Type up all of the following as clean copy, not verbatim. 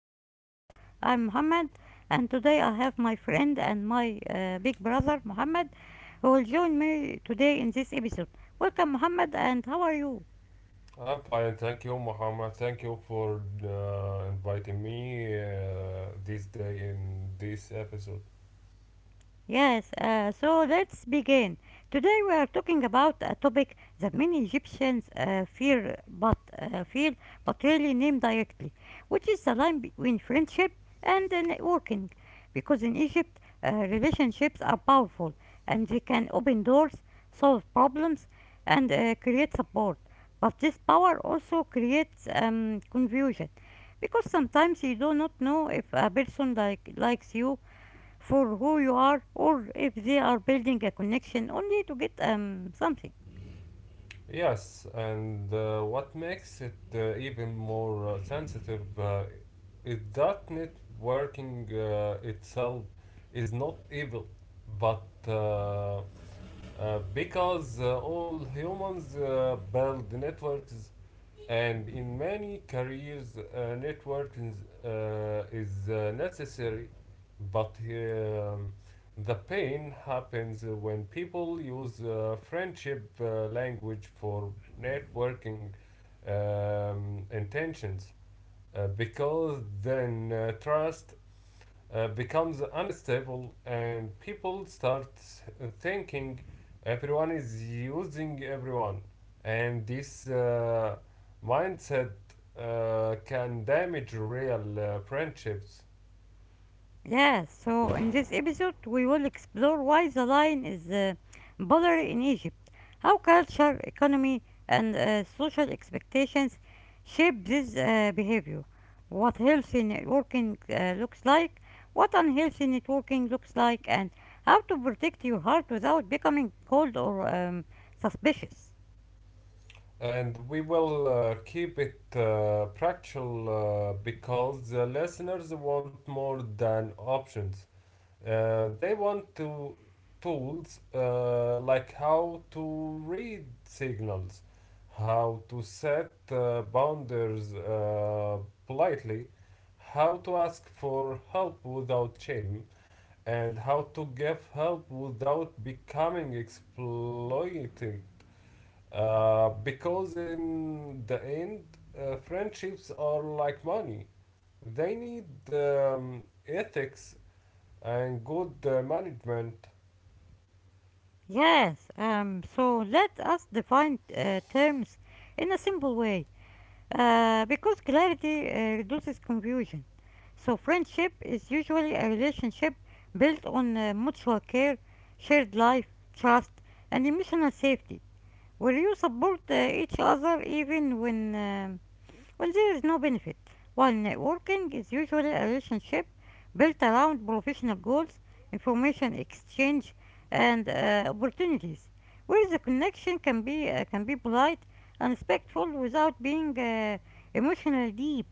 new episode. I'm Mohammed and today I have my friend and my big brother Muhammad, who will join me today in this episode. Welcome Muhammad, and how are you? I'm fine, thank you, Muhammad. Thank you for inviting me this day in this episode. Yes, so let's begin. Today we are talking about a topic that many Egyptians fear but feel but rarely name directly, which is the line between friendship and networking. Because in Egypt, relationships are powerful and they can open doors, solve problems, and create support. But this power also creates confusion because sometimes you do not know if a person likes you for who you are or if they are building a connection only to get something. Yes, and what makes it even more sensitive is that networking itself is not evil, but uh, because all humans build networks. And in many careers, networking is necessary, but the pain happens when people use friendship language for networking intentions, because then trust becomes unstable, and people start thinking everyone is using everyone, and this mindset can damage real friendships. Yeah, so in this episode we will explore why the line is blurry in Egypt, how culture, economy, and social expectations shape this behavior, what healthy networking looks like, what unhealthy networking looks like, and how to protect your heart without becoming cold or suspicious. And we will keep it practical because the listeners want more than options. They want to tools like how to read signals, how to set boundaries politely, how to ask for help without shame, and how to give help without becoming exploiting. Because in the end, friendships are like money. They need ethics and good management. Yes, so let us define terms in a simple way because clarity reduces confusion. So, friendship is usually a relationship built on mutual care, shared life, trust, and emotional safety, where you support each other even when there is no benefit, while networking is usually a relationship built around professional goals, information exchange, and opportunities, where the connection can be polite and respectful without being emotionally deep.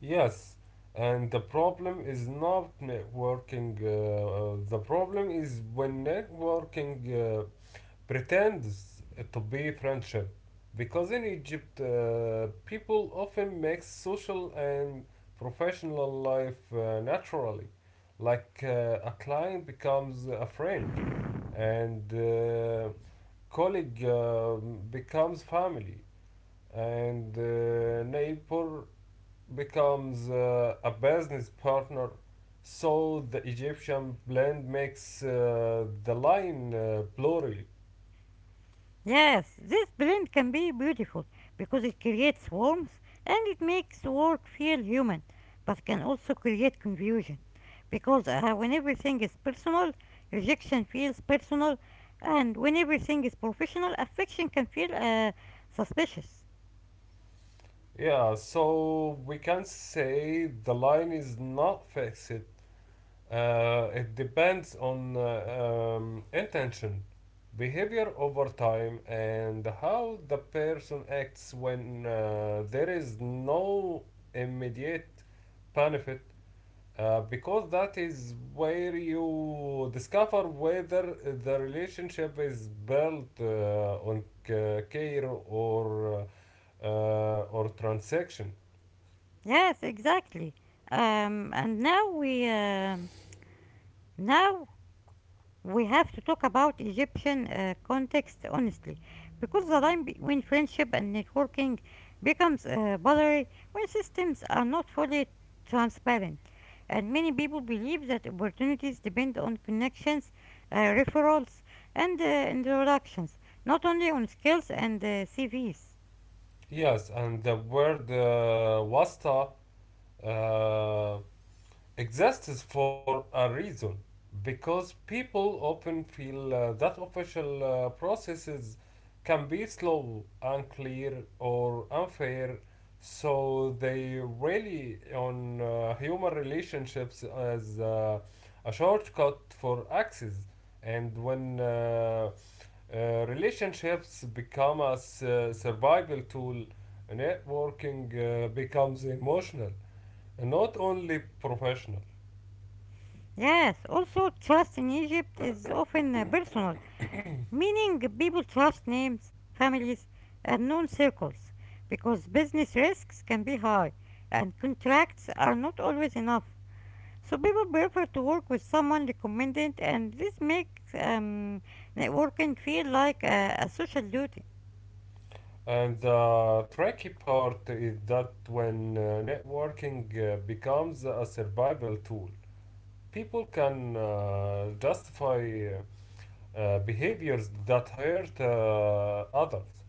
Yes, and the problem is not networking. The problem is when networking pretends to be friendship. Because in Egypt, people often mix social and professional life naturally. Like a client becomes a friend, and colleague becomes family, and neighbor becomes a business partner. So the Egyptian blend makes the line blurry. Yes, this blend can be beautiful because it creates warmth and it makes work feel human, but can also create confusion because when everything is personal, rejection feels personal, and when everything is professional, affection can feel suspicious. Yeah, so we can say the line is not fixed. It depends on intention, behavior over time, and how the person acts when there is no immediate benefit. Because that is where you discover whether the relationship is built on care or transaction. Yes, exactly. And now we have to talk about Egyptian context honestly, because the line between friendship and networking becomes blurry when systems are not fully transparent. And many people believe that opportunities depend on connections, referrals, and introductions, not only on skills and CVs. Yes, and the word wasta uh, exists for a reason, because people often feel that official processes can be slow, unclear, or unfair, so they rely on human relationships as a shortcut for access. And when relationships become a survival tool, networking becomes emotional, not only professional. Yes, also trust in Egypt is often personal meaning people trust names, families, and known circles because business risks can be high and contracts are not always enough. So people prefer to work with someone recommended, and this makes networking feel like a social duty. And the tricky part is that when networking becomes a survival tool, people can justify behaviors that hurt others,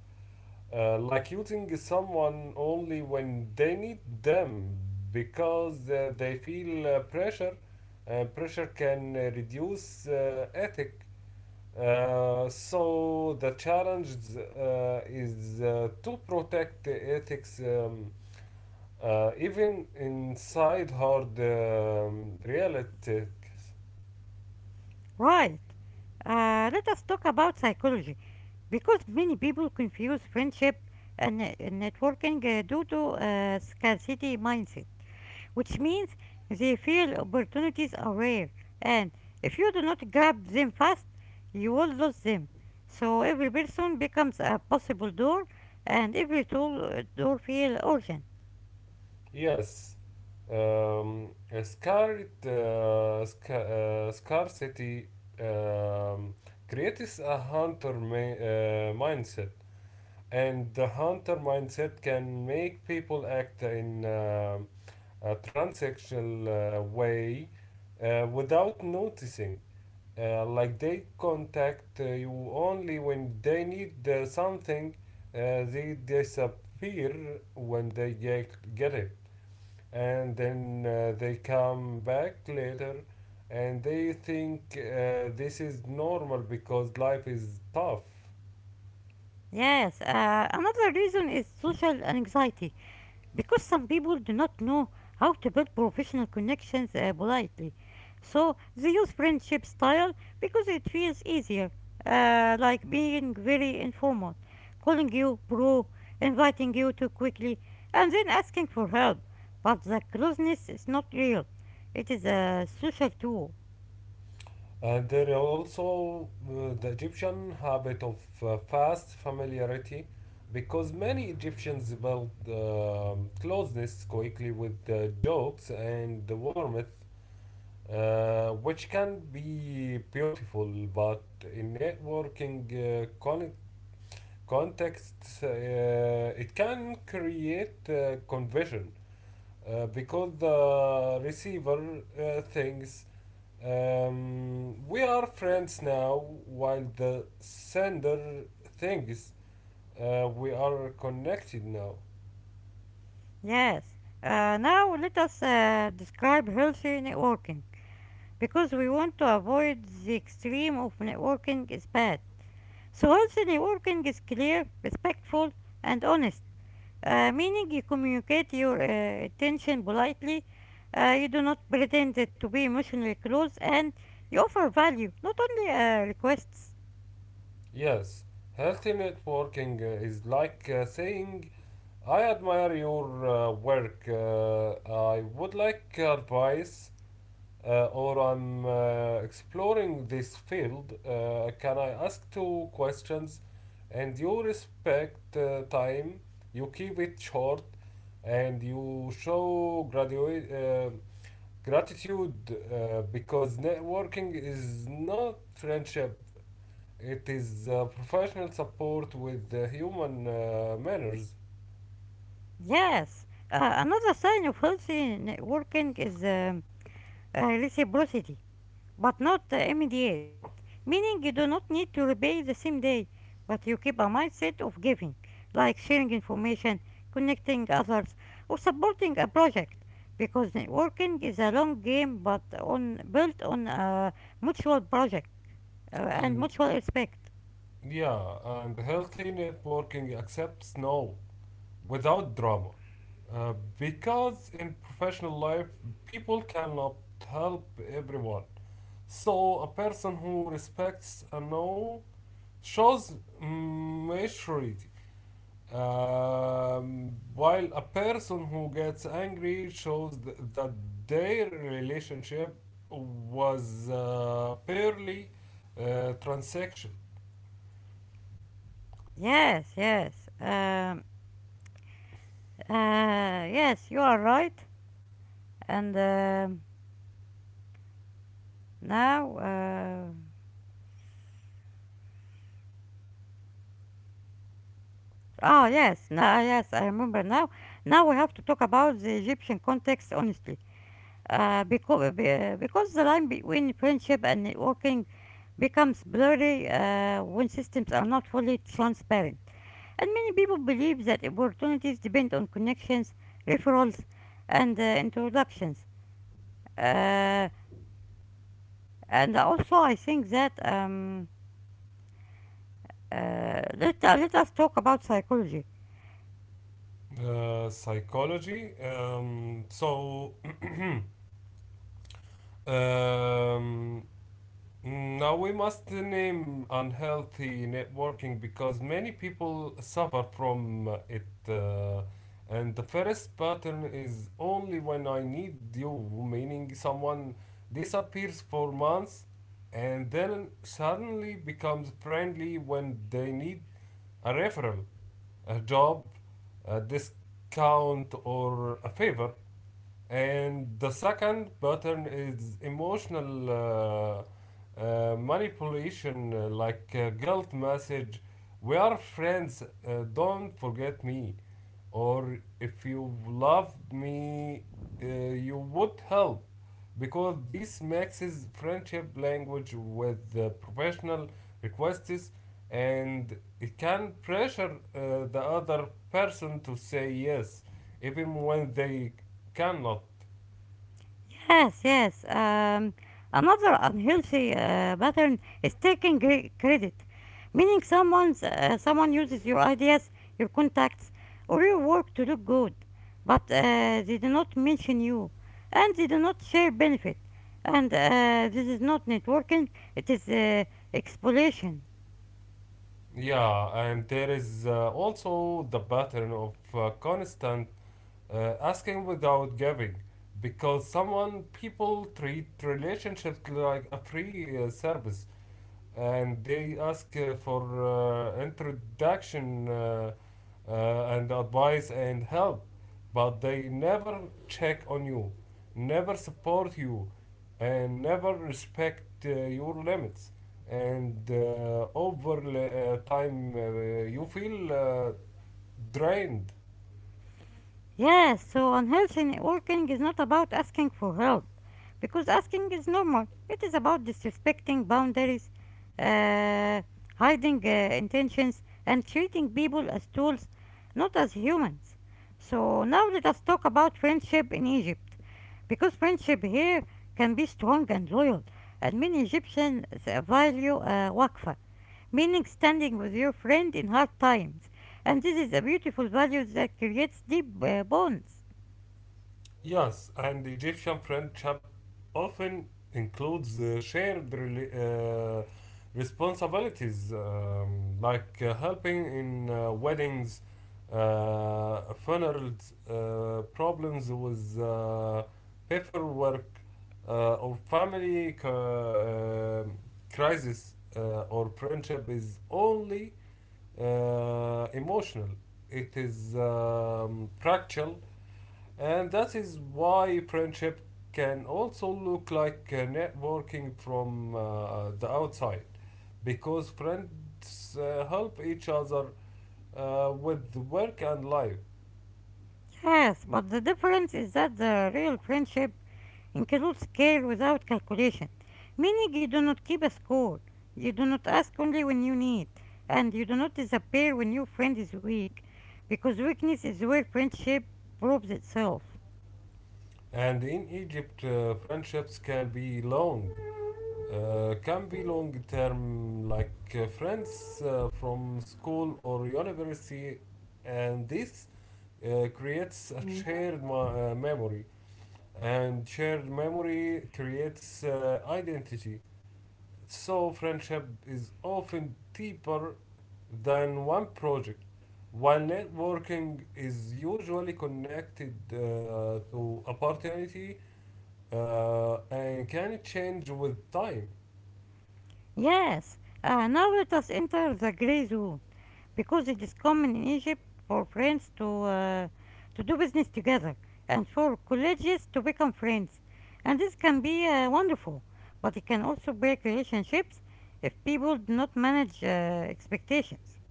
like using someone only when they need them, because they feel pressure. Pressure can reduce ethic, so the challenge is to protect the ethics even inside hard reality. Right. Let us talk about psychology because many people confuse friendship and networking due to scarcity mindset, which means they feel opportunities are rare, and if you do not grab them fast, you will lose them. So every person becomes a possible door, and every door feel urgent. Yes, scarcity um, creates a hunter mindset. And the hunter mindset can make people act in a transsexual way without noticing. Like they contact you only when they need something, uh, they disappear when they get it. And then they come back later and they think this is normal because life is tough. Yes, another reason is social anxiety because some people do not know how to build professional connections politely. So they use friendship style because it feels easier, like being very informal, calling you bro, inviting you too quickly, and then asking for help. But the closeness is not real, it is a social tool. And there are also the Egyptian habit of fast familiarity, because many Egyptians build closeness quickly with jokes and the warmth, which can be beautiful, but in networking contexts, it can create confusion, because the receiver thinks, we are friends now, while the sender thinks, we are connected now. Yes, now let us describe healthy networking, because we want to avoid the extreme of networking is bad. So healthy networking is clear, respectful, and honest, meaning you communicate your intention politely, you do not pretend to be emotionally close, and you offer value, not only requests. Yes, healthy networking is like saying, I admire your work. I would like advice. Or I'm exploring this field, can I ask two questions? And you respect time, you keep it short, and you show gratitude, because networking is not friendship, it is professional support with human manners. Yes, another sign of healthy networking is reciprocity, but not immediate, meaning you do not need to repay the same day, but you keep a mindset of giving, like sharing information, connecting others, or supporting a project, because networking is a long game but on built on a mutual project uh, and And mutual respect. yeah, and healthy networking accepts no without drama. Because in professional life, people cannot help everyone. So, a person who respects a no shows maturity, while a person who gets angry shows that their relationship was purely transaction. Yes, yes, um, yes, you are right, and now. Ah, yes, now, yes, I remember now. Now we have to talk about the Egyptian context, honestly, uh, because, because the line between friendship and networking becomes blurry when systems are not fully transparent. And many people believe that opportunities depend on connections, referrals, and introductions. Uh, and also, I think that let us talk about psychology. Psychology. Um, Now we must name unhealthy networking, because many people suffer from it. And the first pattern is "only when I need you," meaning someone disappears for months and then suddenly becomes friendly when they need a referral, a job, a discount, or a favor. And the second pattern is emotional manipulation, like guilt message. We are friends, don't forget me. Or if you love me, you would help. Because this mixes friendship language with the professional requests, and it can pressure the other person to say yes, even when they cannot. Yes, yes. Um, Another unhealthy pattern is taking credit, meaning someone uses your ideas, your contacts, or your work to look good, but they do not mention you, and they do not share benefit. And this is not networking; it is exploitation. Yeah, and there is also the pattern of constant asking without giving, because someone people treat relationships like a free service, and they ask for introduction uh, and advice and help, but they never check on you, never support you, and never respect your limits, and over time you feel drained. Yes, so unhealthy networking is not about asking for help, because asking is normal. It is about disrespecting boundaries, uh, hiding intentions, and treating people as tools, not as humans. So now let us talk about friendship in Egypt, because friendship here can be strong and loyal, and many Egyptians value waqfa, meaning standing with your friend in hard times. And this is a beautiful value that creates deep bonds. Yes, and Egyptian friendship often includes shared responsibilities, like helping in weddings, funerals, problems with paperwork, or family um, crisis, or friendship is only emotional. It is practical, and that is why friendship can also look like networking from the outside, because friends help each other with work and life. Yes, but the difference is that the real friendship includes care without calculation, meaning you do not keep a score, you do not ask only when you need, and you do not disappear when your friend is weak, because weakness is where friendship proves itself. And in Egypt, friendships can be long term, like friends from school or university, and this creates a shared memory, and shared memory creates identity. So, friendship is often deeper than one project, while networking is usually connected to opportunity and can change with time. Yes, now let us enter the gray zone, because it is common in Egypt for friends uh, to do business together and for colleagues to become friends, and this can be wonderful, but it can also break relationships if people do not manage expectations.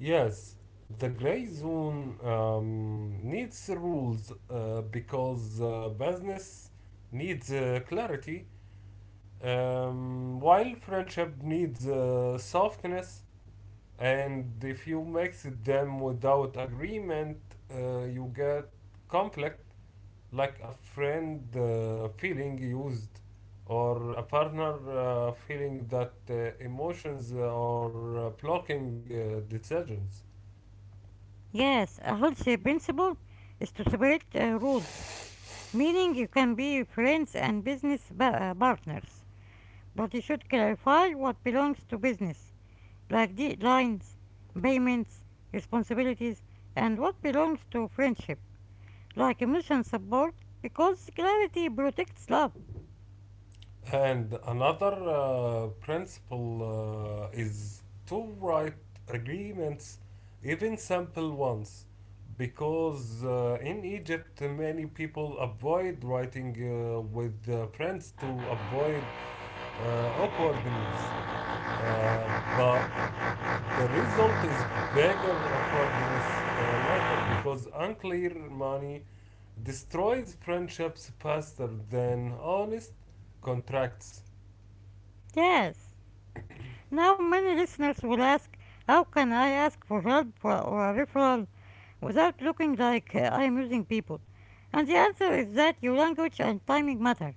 Yes, the gray zone needs rules, because business needs clarity, while friendship needs softness, and if you mix them without agreement, you get conflict, like a friend feeling used, or a partner feeling that emotions are blocking decisions. Yes, a healthy principle is to separate rules, meaning you can be friends and business partners, but you should clarify what belongs to business like deadlines, payments, responsibilities, and what belongs to friendship, like emotion support, because clarity protects love. And another principle is to write agreements, even simple ones, because in Egypt many people avoid writing with friends to avoid awkwardness. But the result is bigger awkwardness later, because unclear money destroys friendships faster than honest contracts. Yes. Now, many listeners will ask, how can I ask for help or a referral without looking like I'm using people? And the answer is that your language and timing matter,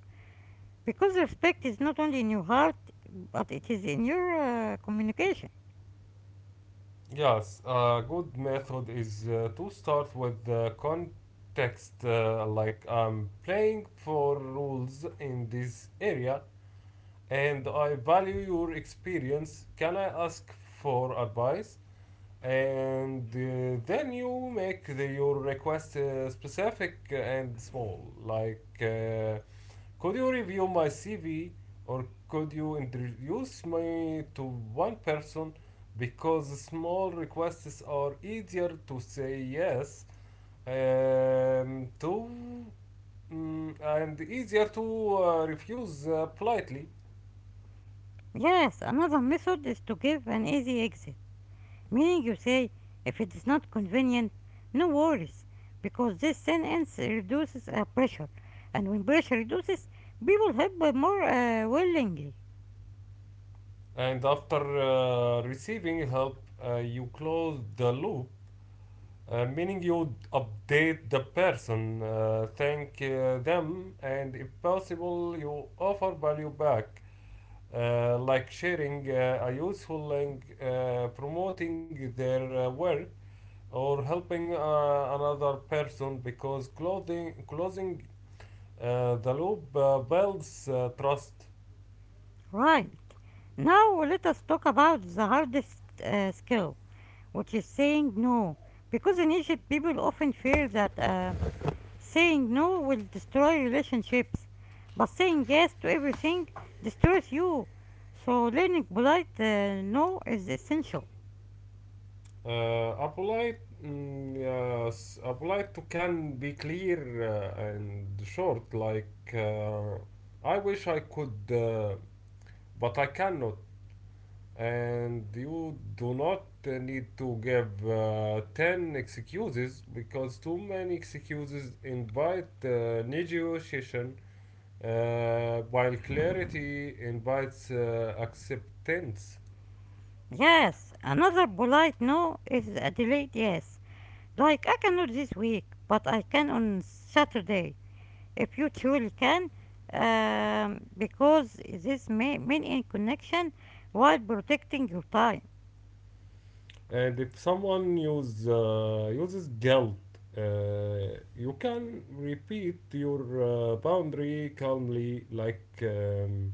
because respect is not only in your heart, but it is in your communication. Yes, a good method is to start with the context, like, I'm playing for rules in this area and I value your experience. Can I ask for advice? And then you make your request specific and small, like could you review my CV, or could you introduce me to one person? Because small requests are easier to say yes to, and easier to refuse politely. Yes, another method is to give an easy exit, meaning you say, if it is not convenient, no worries, because this sentence reduces pressure, and when pressure reduces, people help more willingly. And after receiving help, you close the loop, meaning you update the person, thank them, and if possible, you offer value back. Like sharing a useful link, promoting their work, or helping another person, because closing the loop builds trust. Right. Now let us talk about the hardest skill, which is saying no, because in Egypt people often fear that saying no will destroy relationships, but saying yes to everything destroys you. So learning polite no is essential. A polite, yes, a polite to can be clear and short, like I wish I could, but I cannot. And you do not need to give 10 excuses, because too many excuses invite negotiation, while clarity invites acceptance. Yes, another polite no is a delayed yes. Like I cannot this week, but I can on Saturday. If you truly can, because this may mean in connection while protecting your time. And if someone uses guilt, you can repeat your boundary calmly, like,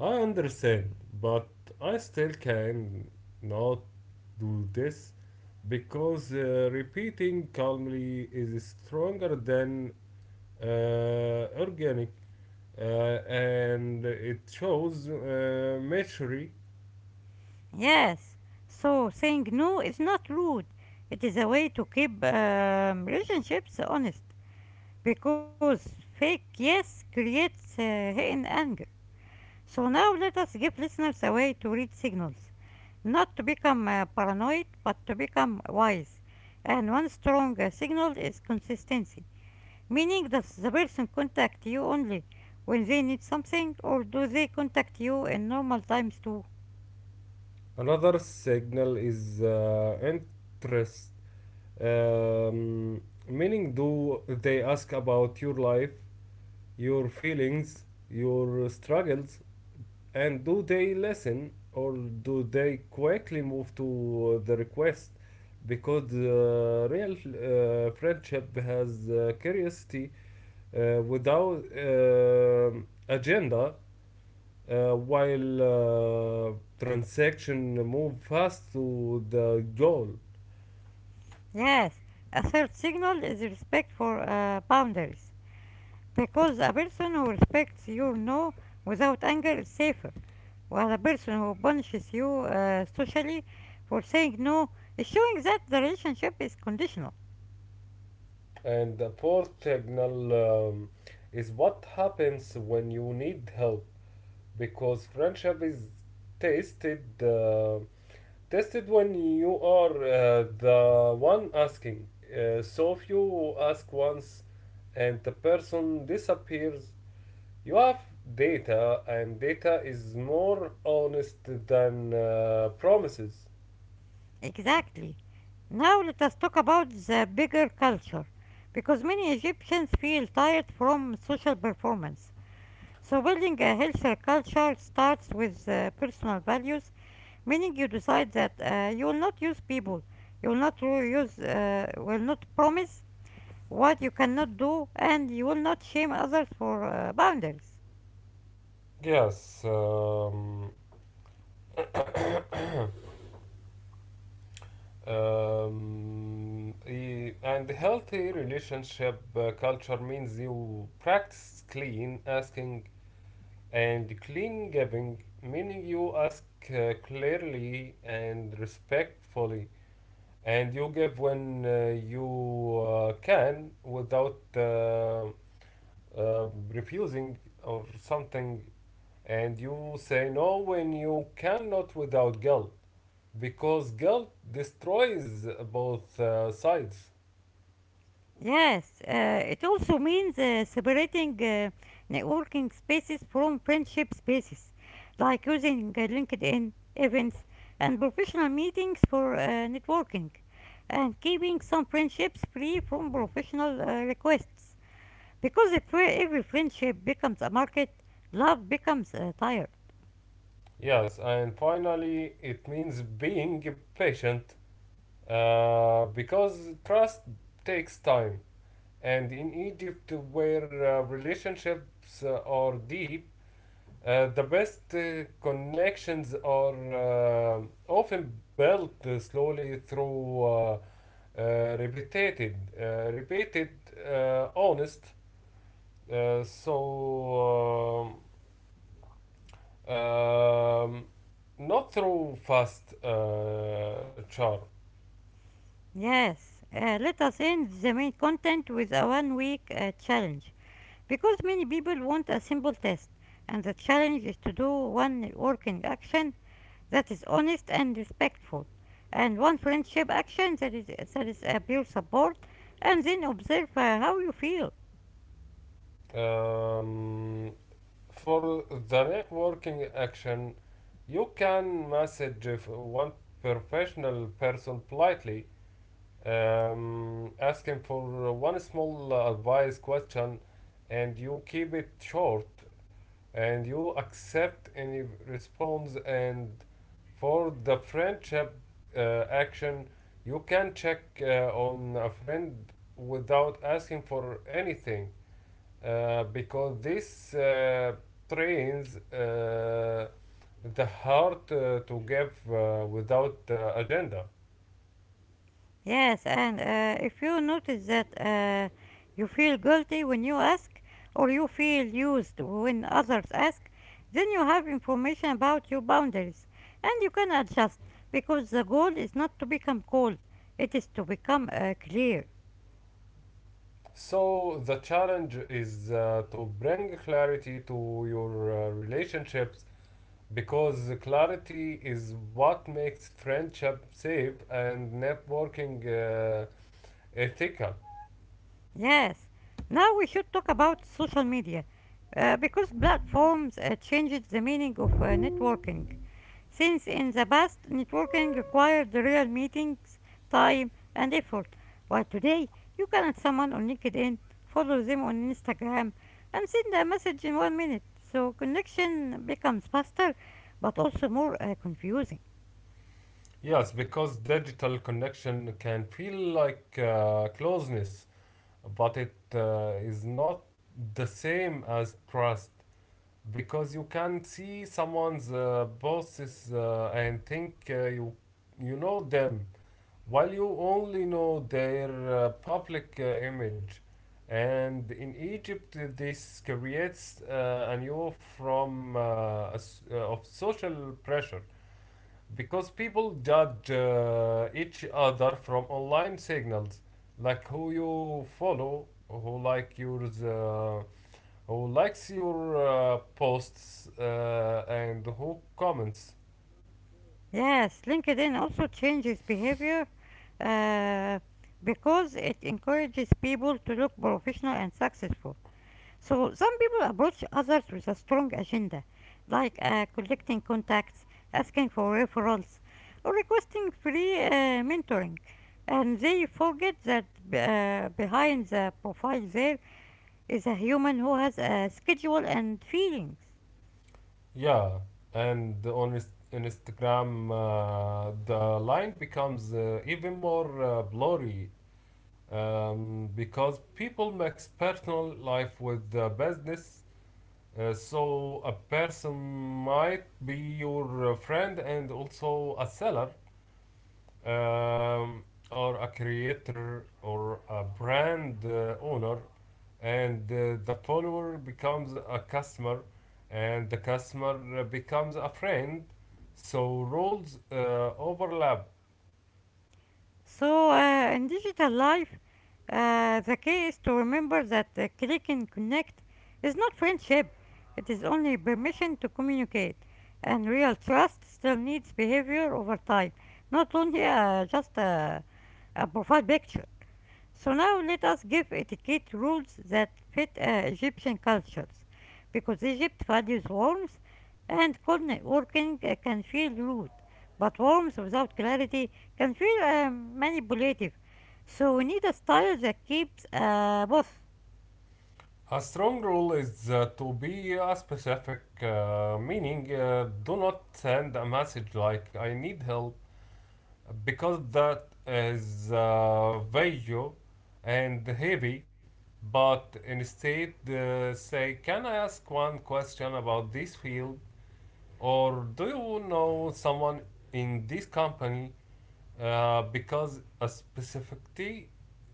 I understand, but I still can not do this, because repeating calmly is stronger than organic, and it shows maturity. Yes, so saying no is not rude. It is a way to keep relationships honest because fake yes creates hidden anger. So now let us give listeners a way to read signals, not to become paranoid, but to become wise. And one strong signal is consistency, meaning does the person contact you only when they need something, or do they contact you in normal times too? Another signal is interest, um, meaning do they ask about your life, your feelings, your struggles, and do they listen, or do they quickly move to the request? Because real friendship has curiosity without agenda, while transaction move fast to the goal. Yes, a third signal is respect for boundaries, because a person who respects your no without anger is safer, while a person who punishes you socially for saying no is showing that the relationship is conditional. And the poor signal um, is what happens when you need help, because friendship is tasted tested when you are the one asking. So if you ask once and the person disappears, you have data, and data is more honest than promises. Exactly. Now let us talk about the bigger culture, because many Egyptians feel tired from social performance. So building a healthier culture starts with personal values, meaning you decide that you will not use people, you will not ru- use, will not promise what you cannot do, and you will not shame others for boundaries. Yes. And healthy relationship culture means you practice clean asking and clean giving, meaning you ask clearly and respectfully, and you give when you can without uh, refusing or something, and you say no when you cannot without guilt, because guilt destroys both sides. Yes, it also means separating networking spaces from friendship spaces, like using LinkedIn events and professional meetings for networking, and keeping some friendships free from professional requests. Because if every friendship becomes a market, love becomes a tire. Yes, and finally, it means being patient, because trust takes time. And in Egypt, where relationships are deep, the best connections are often built slowly through repeated, honest. Uh, so, um, um, Not through fast charm. Yes, let us end the main content with a 1 week challenge, because many people want a simple test, and the challenge is to do one working action that is honest and respectful, and one friendship action that is a pure support, and then observe how you feel. Um, For the networking action, you can message if one professional person politely, asking for one small advice question, and you keep it short, and you accept any response. And for the friendship action, you can check on a friend without asking for anything because these trains the heart to give without agenda. Yes, and if you notice that you feel guilty when you ask, or you feel used when others ask, then you have information about your boundaries and you can adjust because the goal is not to become cold, it is to become clear. So the challenge is to bring clarity to your relationships because clarity is what makes friendship safe and networking ethical. Yes. Now we should talk about social media because platforms changed the meaning of networking. Since in the past, networking required real meetings, time, and effort, while today you can add someone on LinkedIn, follow them on Instagram, and send a message in 1 minute. So connection becomes faster but also more confusing. Yes, because digital connection can feel like closeness, but it is not the same as trust, because you can see someone's bosses and think you know them while you only know their public image. And in Egypt this creates a new form of social pressure because people judge each other from online signals, like who you follow, who like yours, who likes your posts, and who comments. Yes, LinkedIn also changes behavior uh, because it encourages people to look professional and successful. So some people approach others with a strong agenda, like collecting contacts, asking for referrals, or requesting free mentoring. And they forget that behind the profile there is a human who has a schedule and feelings. Yeah, and on Instagram, the line becomes even more blurry, because people mix personal life with business. So a person might be your friend and also a seller, um, or a creator or a brand owner, and the follower becomes a customer, and the customer becomes a friend, so roles overlap. So in digital life, the key is to remember that click and connect is not friendship, it is only permission to communicate. And real trust still needs behavior over time, not only just a profile picture. So now let us give etiquette rules that fit Egyptian cultures, because Egypt values warmth and coordinate working can feel rude, but warmth without clarity can feel manipulative. So we need a style that keeps both. A strong rule is to be a specific, meaning do not send a message like I need help, because that is visual and heavy, but instead say, can I ask one question about this field, or do you know someone in this company, because a specificity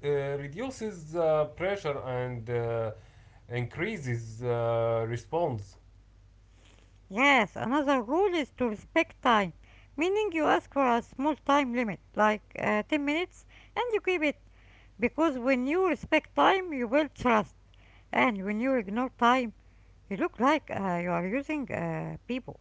uh, reduces pressure and increases response. Yes, another rule is to respect time, meaning you ask for a small time limit, like 10 minutes, and you keep it. Because when you respect time, you will trust. And when you ignore time, you look like you are using people.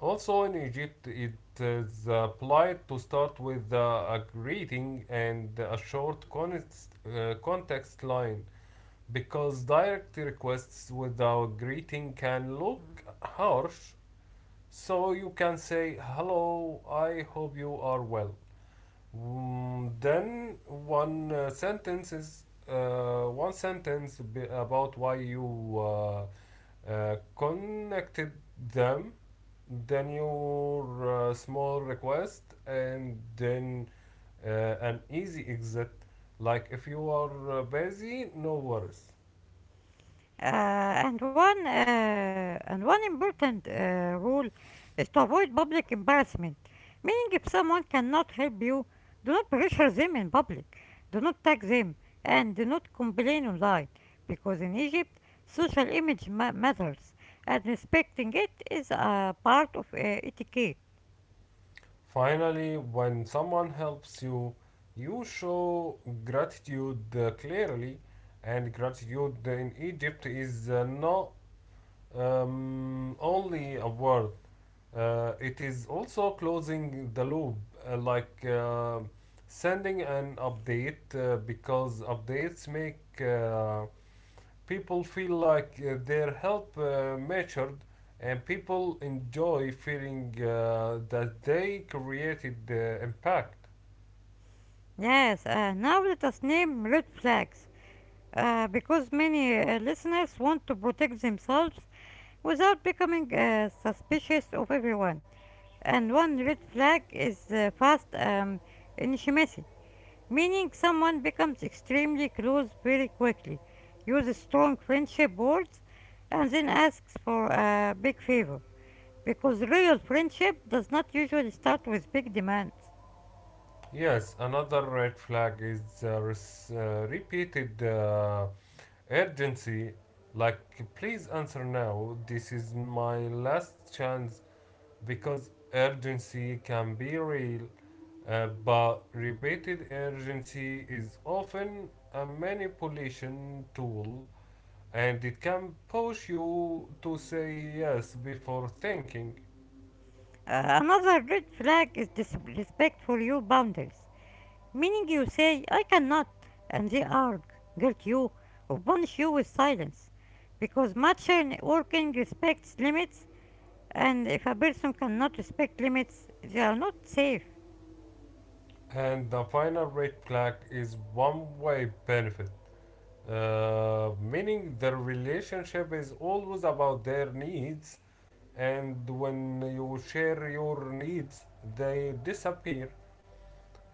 Also in Egypt, it is applied to start with a greeting and a short context line, because direct requests without greeting can look harsh. So you can say, "Hello, I hope you are well." Mm, then one sentence about why you connected them, then your small request, and then uh, an easy exit, like if you are busy, no worries. And one important rule is to avoid public embarrassment. Meaning, if someone cannot help you, do not pressure them in public, do not tag them, and do not complain online, because in Egypt, social image matters, and respecting it is a part of etiquette. Finally, when someone helps you, you show gratitude clearly, and gratitude in Egypt is not only a word. It is also closing the loop, like sending an update, because updates make people feel like their help mattered, and people enjoy feeling that they created the impact. Yes, now let us name red flags. Because many listeners want to protect themselves without becoming suspicious of everyone. And one red flag is fast intimacy, meaning someone becomes extremely close very quickly, uses strong friendship words, and then asks for a big favor. Because real friendship does not usually start with big demands. Yes, another red flag is repeated urgency, like, "Please answer now. This is my last chance," because urgency can be real, but repeated urgency is often a manipulation tool, and it can push you to say yes before thinking. Another red flag is disrespect for your boundaries, meaning you say, I cannot, and they argue, guilt you, or punish you with silence. Because mature networking respects limits, and if a person cannot respect limits, they are not safe. And the final red flag is one way benefit, meaning the relationship is always about their needs, and when you share your needs, they disappear,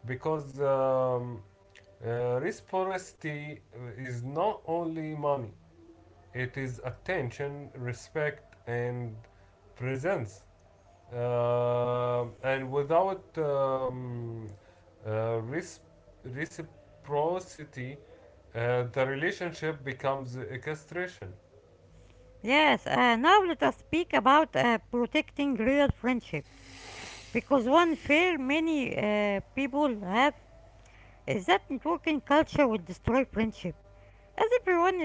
because reciprocity is not only money, it is attention, respect, and presence. And without uh, Reciprocity, the relationship becomes a castration. Yes, now let us speak about protecting real friendships. Because one fear many people have is that networking culture will destroy friendship, as everyone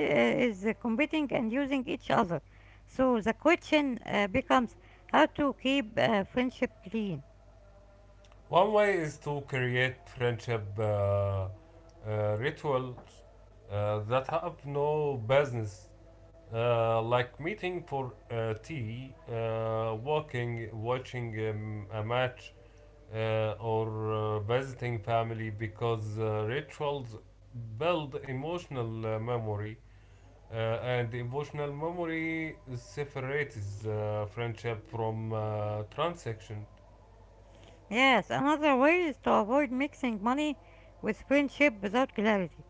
is competing and using each other. So the question becomes how to keep friendship clean. One way is to create friendship rituals that have no business. Like meeting for tea, walking, watching a match, or visiting family, because rituals build emotional memory, uh, and emotional memory separates friendship from transaction. Yes, another way is to avoid mixing money with friendship without clarity,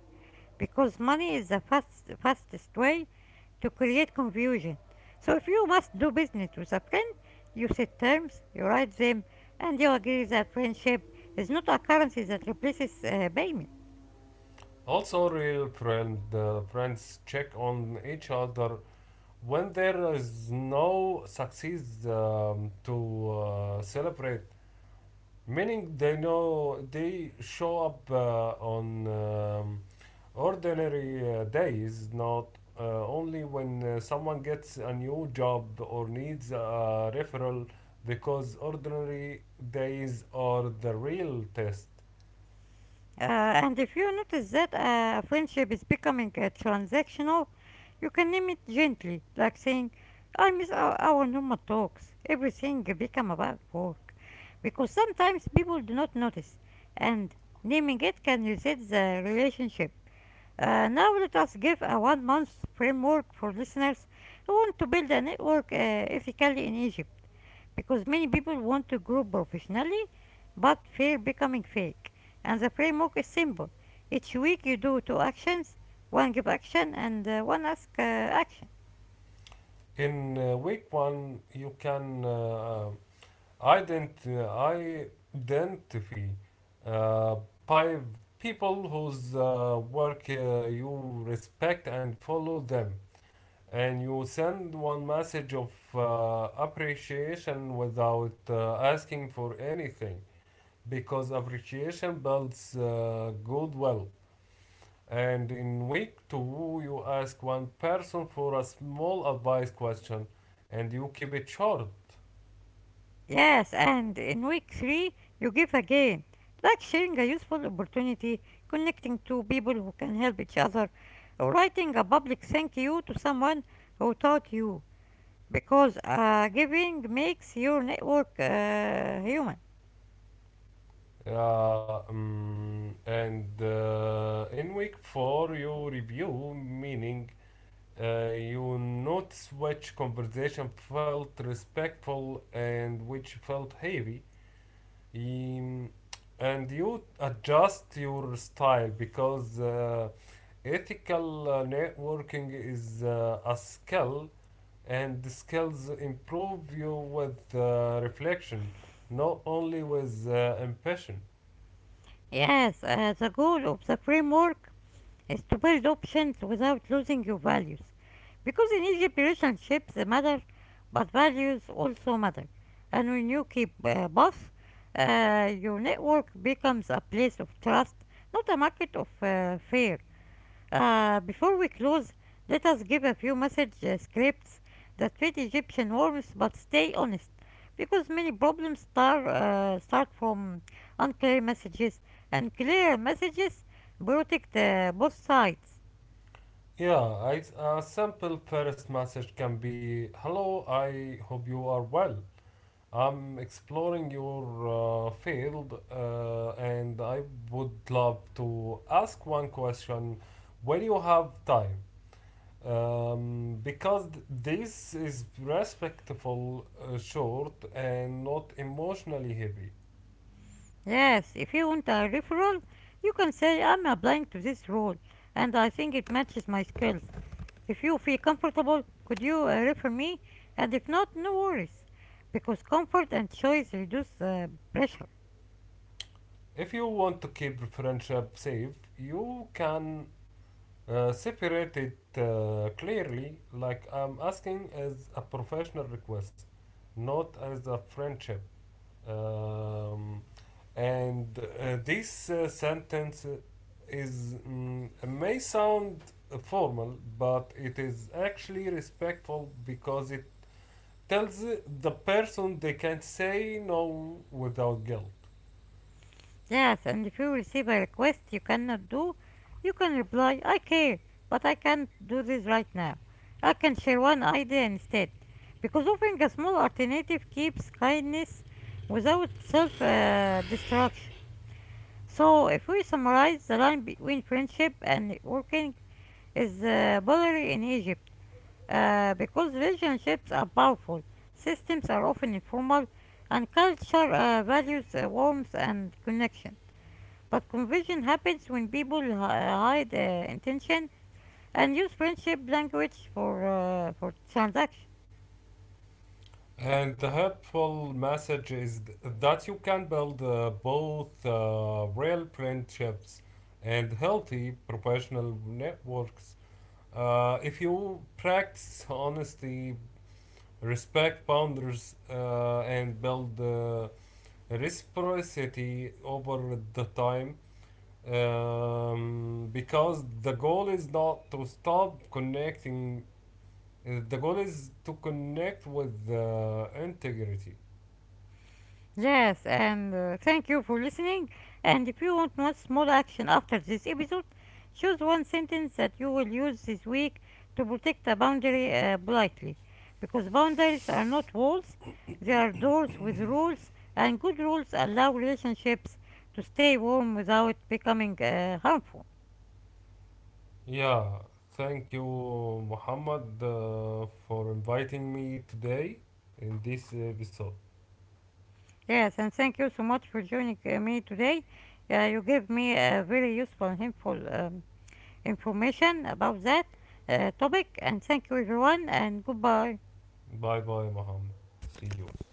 because money is the fastest way to create confusion. So if you must do business with a friend, you set terms, you write them, and you agree that friendship is not a currency that replaces payment. Also, real friends check on each other when there is no success to celebrate, meaning they know they show up on ordinary days, not only when someone gets a new job or needs a referral, because ordinary days are the real test. And if you notice that a friendship is becoming transactional, you can name it gently, like saying, I miss our normal talks. Everything become about work. Because sometimes people do not notice, and naming it can reset the relationship. Now let us give a one-month framework for listeners who want to build a network ethically in Egypt, because many people want to grow professionally but fear becoming fake, and the framework is simple: each week you do two actions, one give action and one ask action. In week one, you can ident- identify uh, five people whose work you respect, and follow them. And you send one message of appreciation without asking for anything, because appreciation builds goodwill. And in week two, you ask one person for a small advice question, and you keep it short. Yes, and in week 3 you give again, like sharing a useful opportunity, connecting to people who can help each other, or writing a public thank you to someone who taught you, because giving makes your network human. Mm, and in week four you review, meaning you notice which conversation felt respectful and which felt heavy. Um, and you adjust your style, because ethical networking is a skill, and the skills improve you with reflection, not only with impression. Yes, the goal of the framework is to build options without losing your values. Because in Egypt, relationships matter, but values also matter. And when you keep both, your network becomes a place of trust, not a market of fear. Before we close, let us give a few message scripts that fit Egyptian norms, but stay honest, because many problems start from unclear messages, and clear messages protect both sides. A simple first message can be, "Hello, I hope you are well. I'm exploring your field, and I would love to ask one question when you have time." Because this is respectful, short, and not emotionally heavy. Yes, if you want a referral, you can say, I'm applying to this role and I think it matches my skills. If you feel comfortable, could you refer me? And if not, no worries, because comfort and choice reduce pressure. If you want to keep friendship safe, you can separate it clearly, like, "I'm asking as a professional request, not as a friendship." Um, and this sentence may sound formal, but it is actually respectful because it tells the person they can't say no without guilt. Yes, and if you receive a request you cannot do, you can reply, I care, but I can't do this right now. I can share one idea instead. Because offering a small alternative keeps kindness without self destruction. So, if we summarize, the line between friendship and networking is blurry in Egypt because relationships are powerful, systems are often informal, and culture values warmth and connection. But conversion happens when people hide intention and use friendship language for transaction. And the helpful message is that you can build both real friendships and healthy professional networks, if you practice honesty, respect boundaries, and build reciprocity over the time, because the goal is not to stop connecting. The goal is to connect with integrity. Yes, and thank you for listening. And if you want one small action after this episode, choose one sentence that you will use this week to protect a boundary politely, because boundaries are not walls; they are doors with rules, and good rules allow relationships to stay warm without becoming harmful. Yeah, thank you, Muhammad, for inviting me today in this episode. Yes, and thank you so much for joining me today. You gave me a very useful and helpful information about that topic, and thank you, everyone, and goodbye. Bye bye, Muhammad. See you.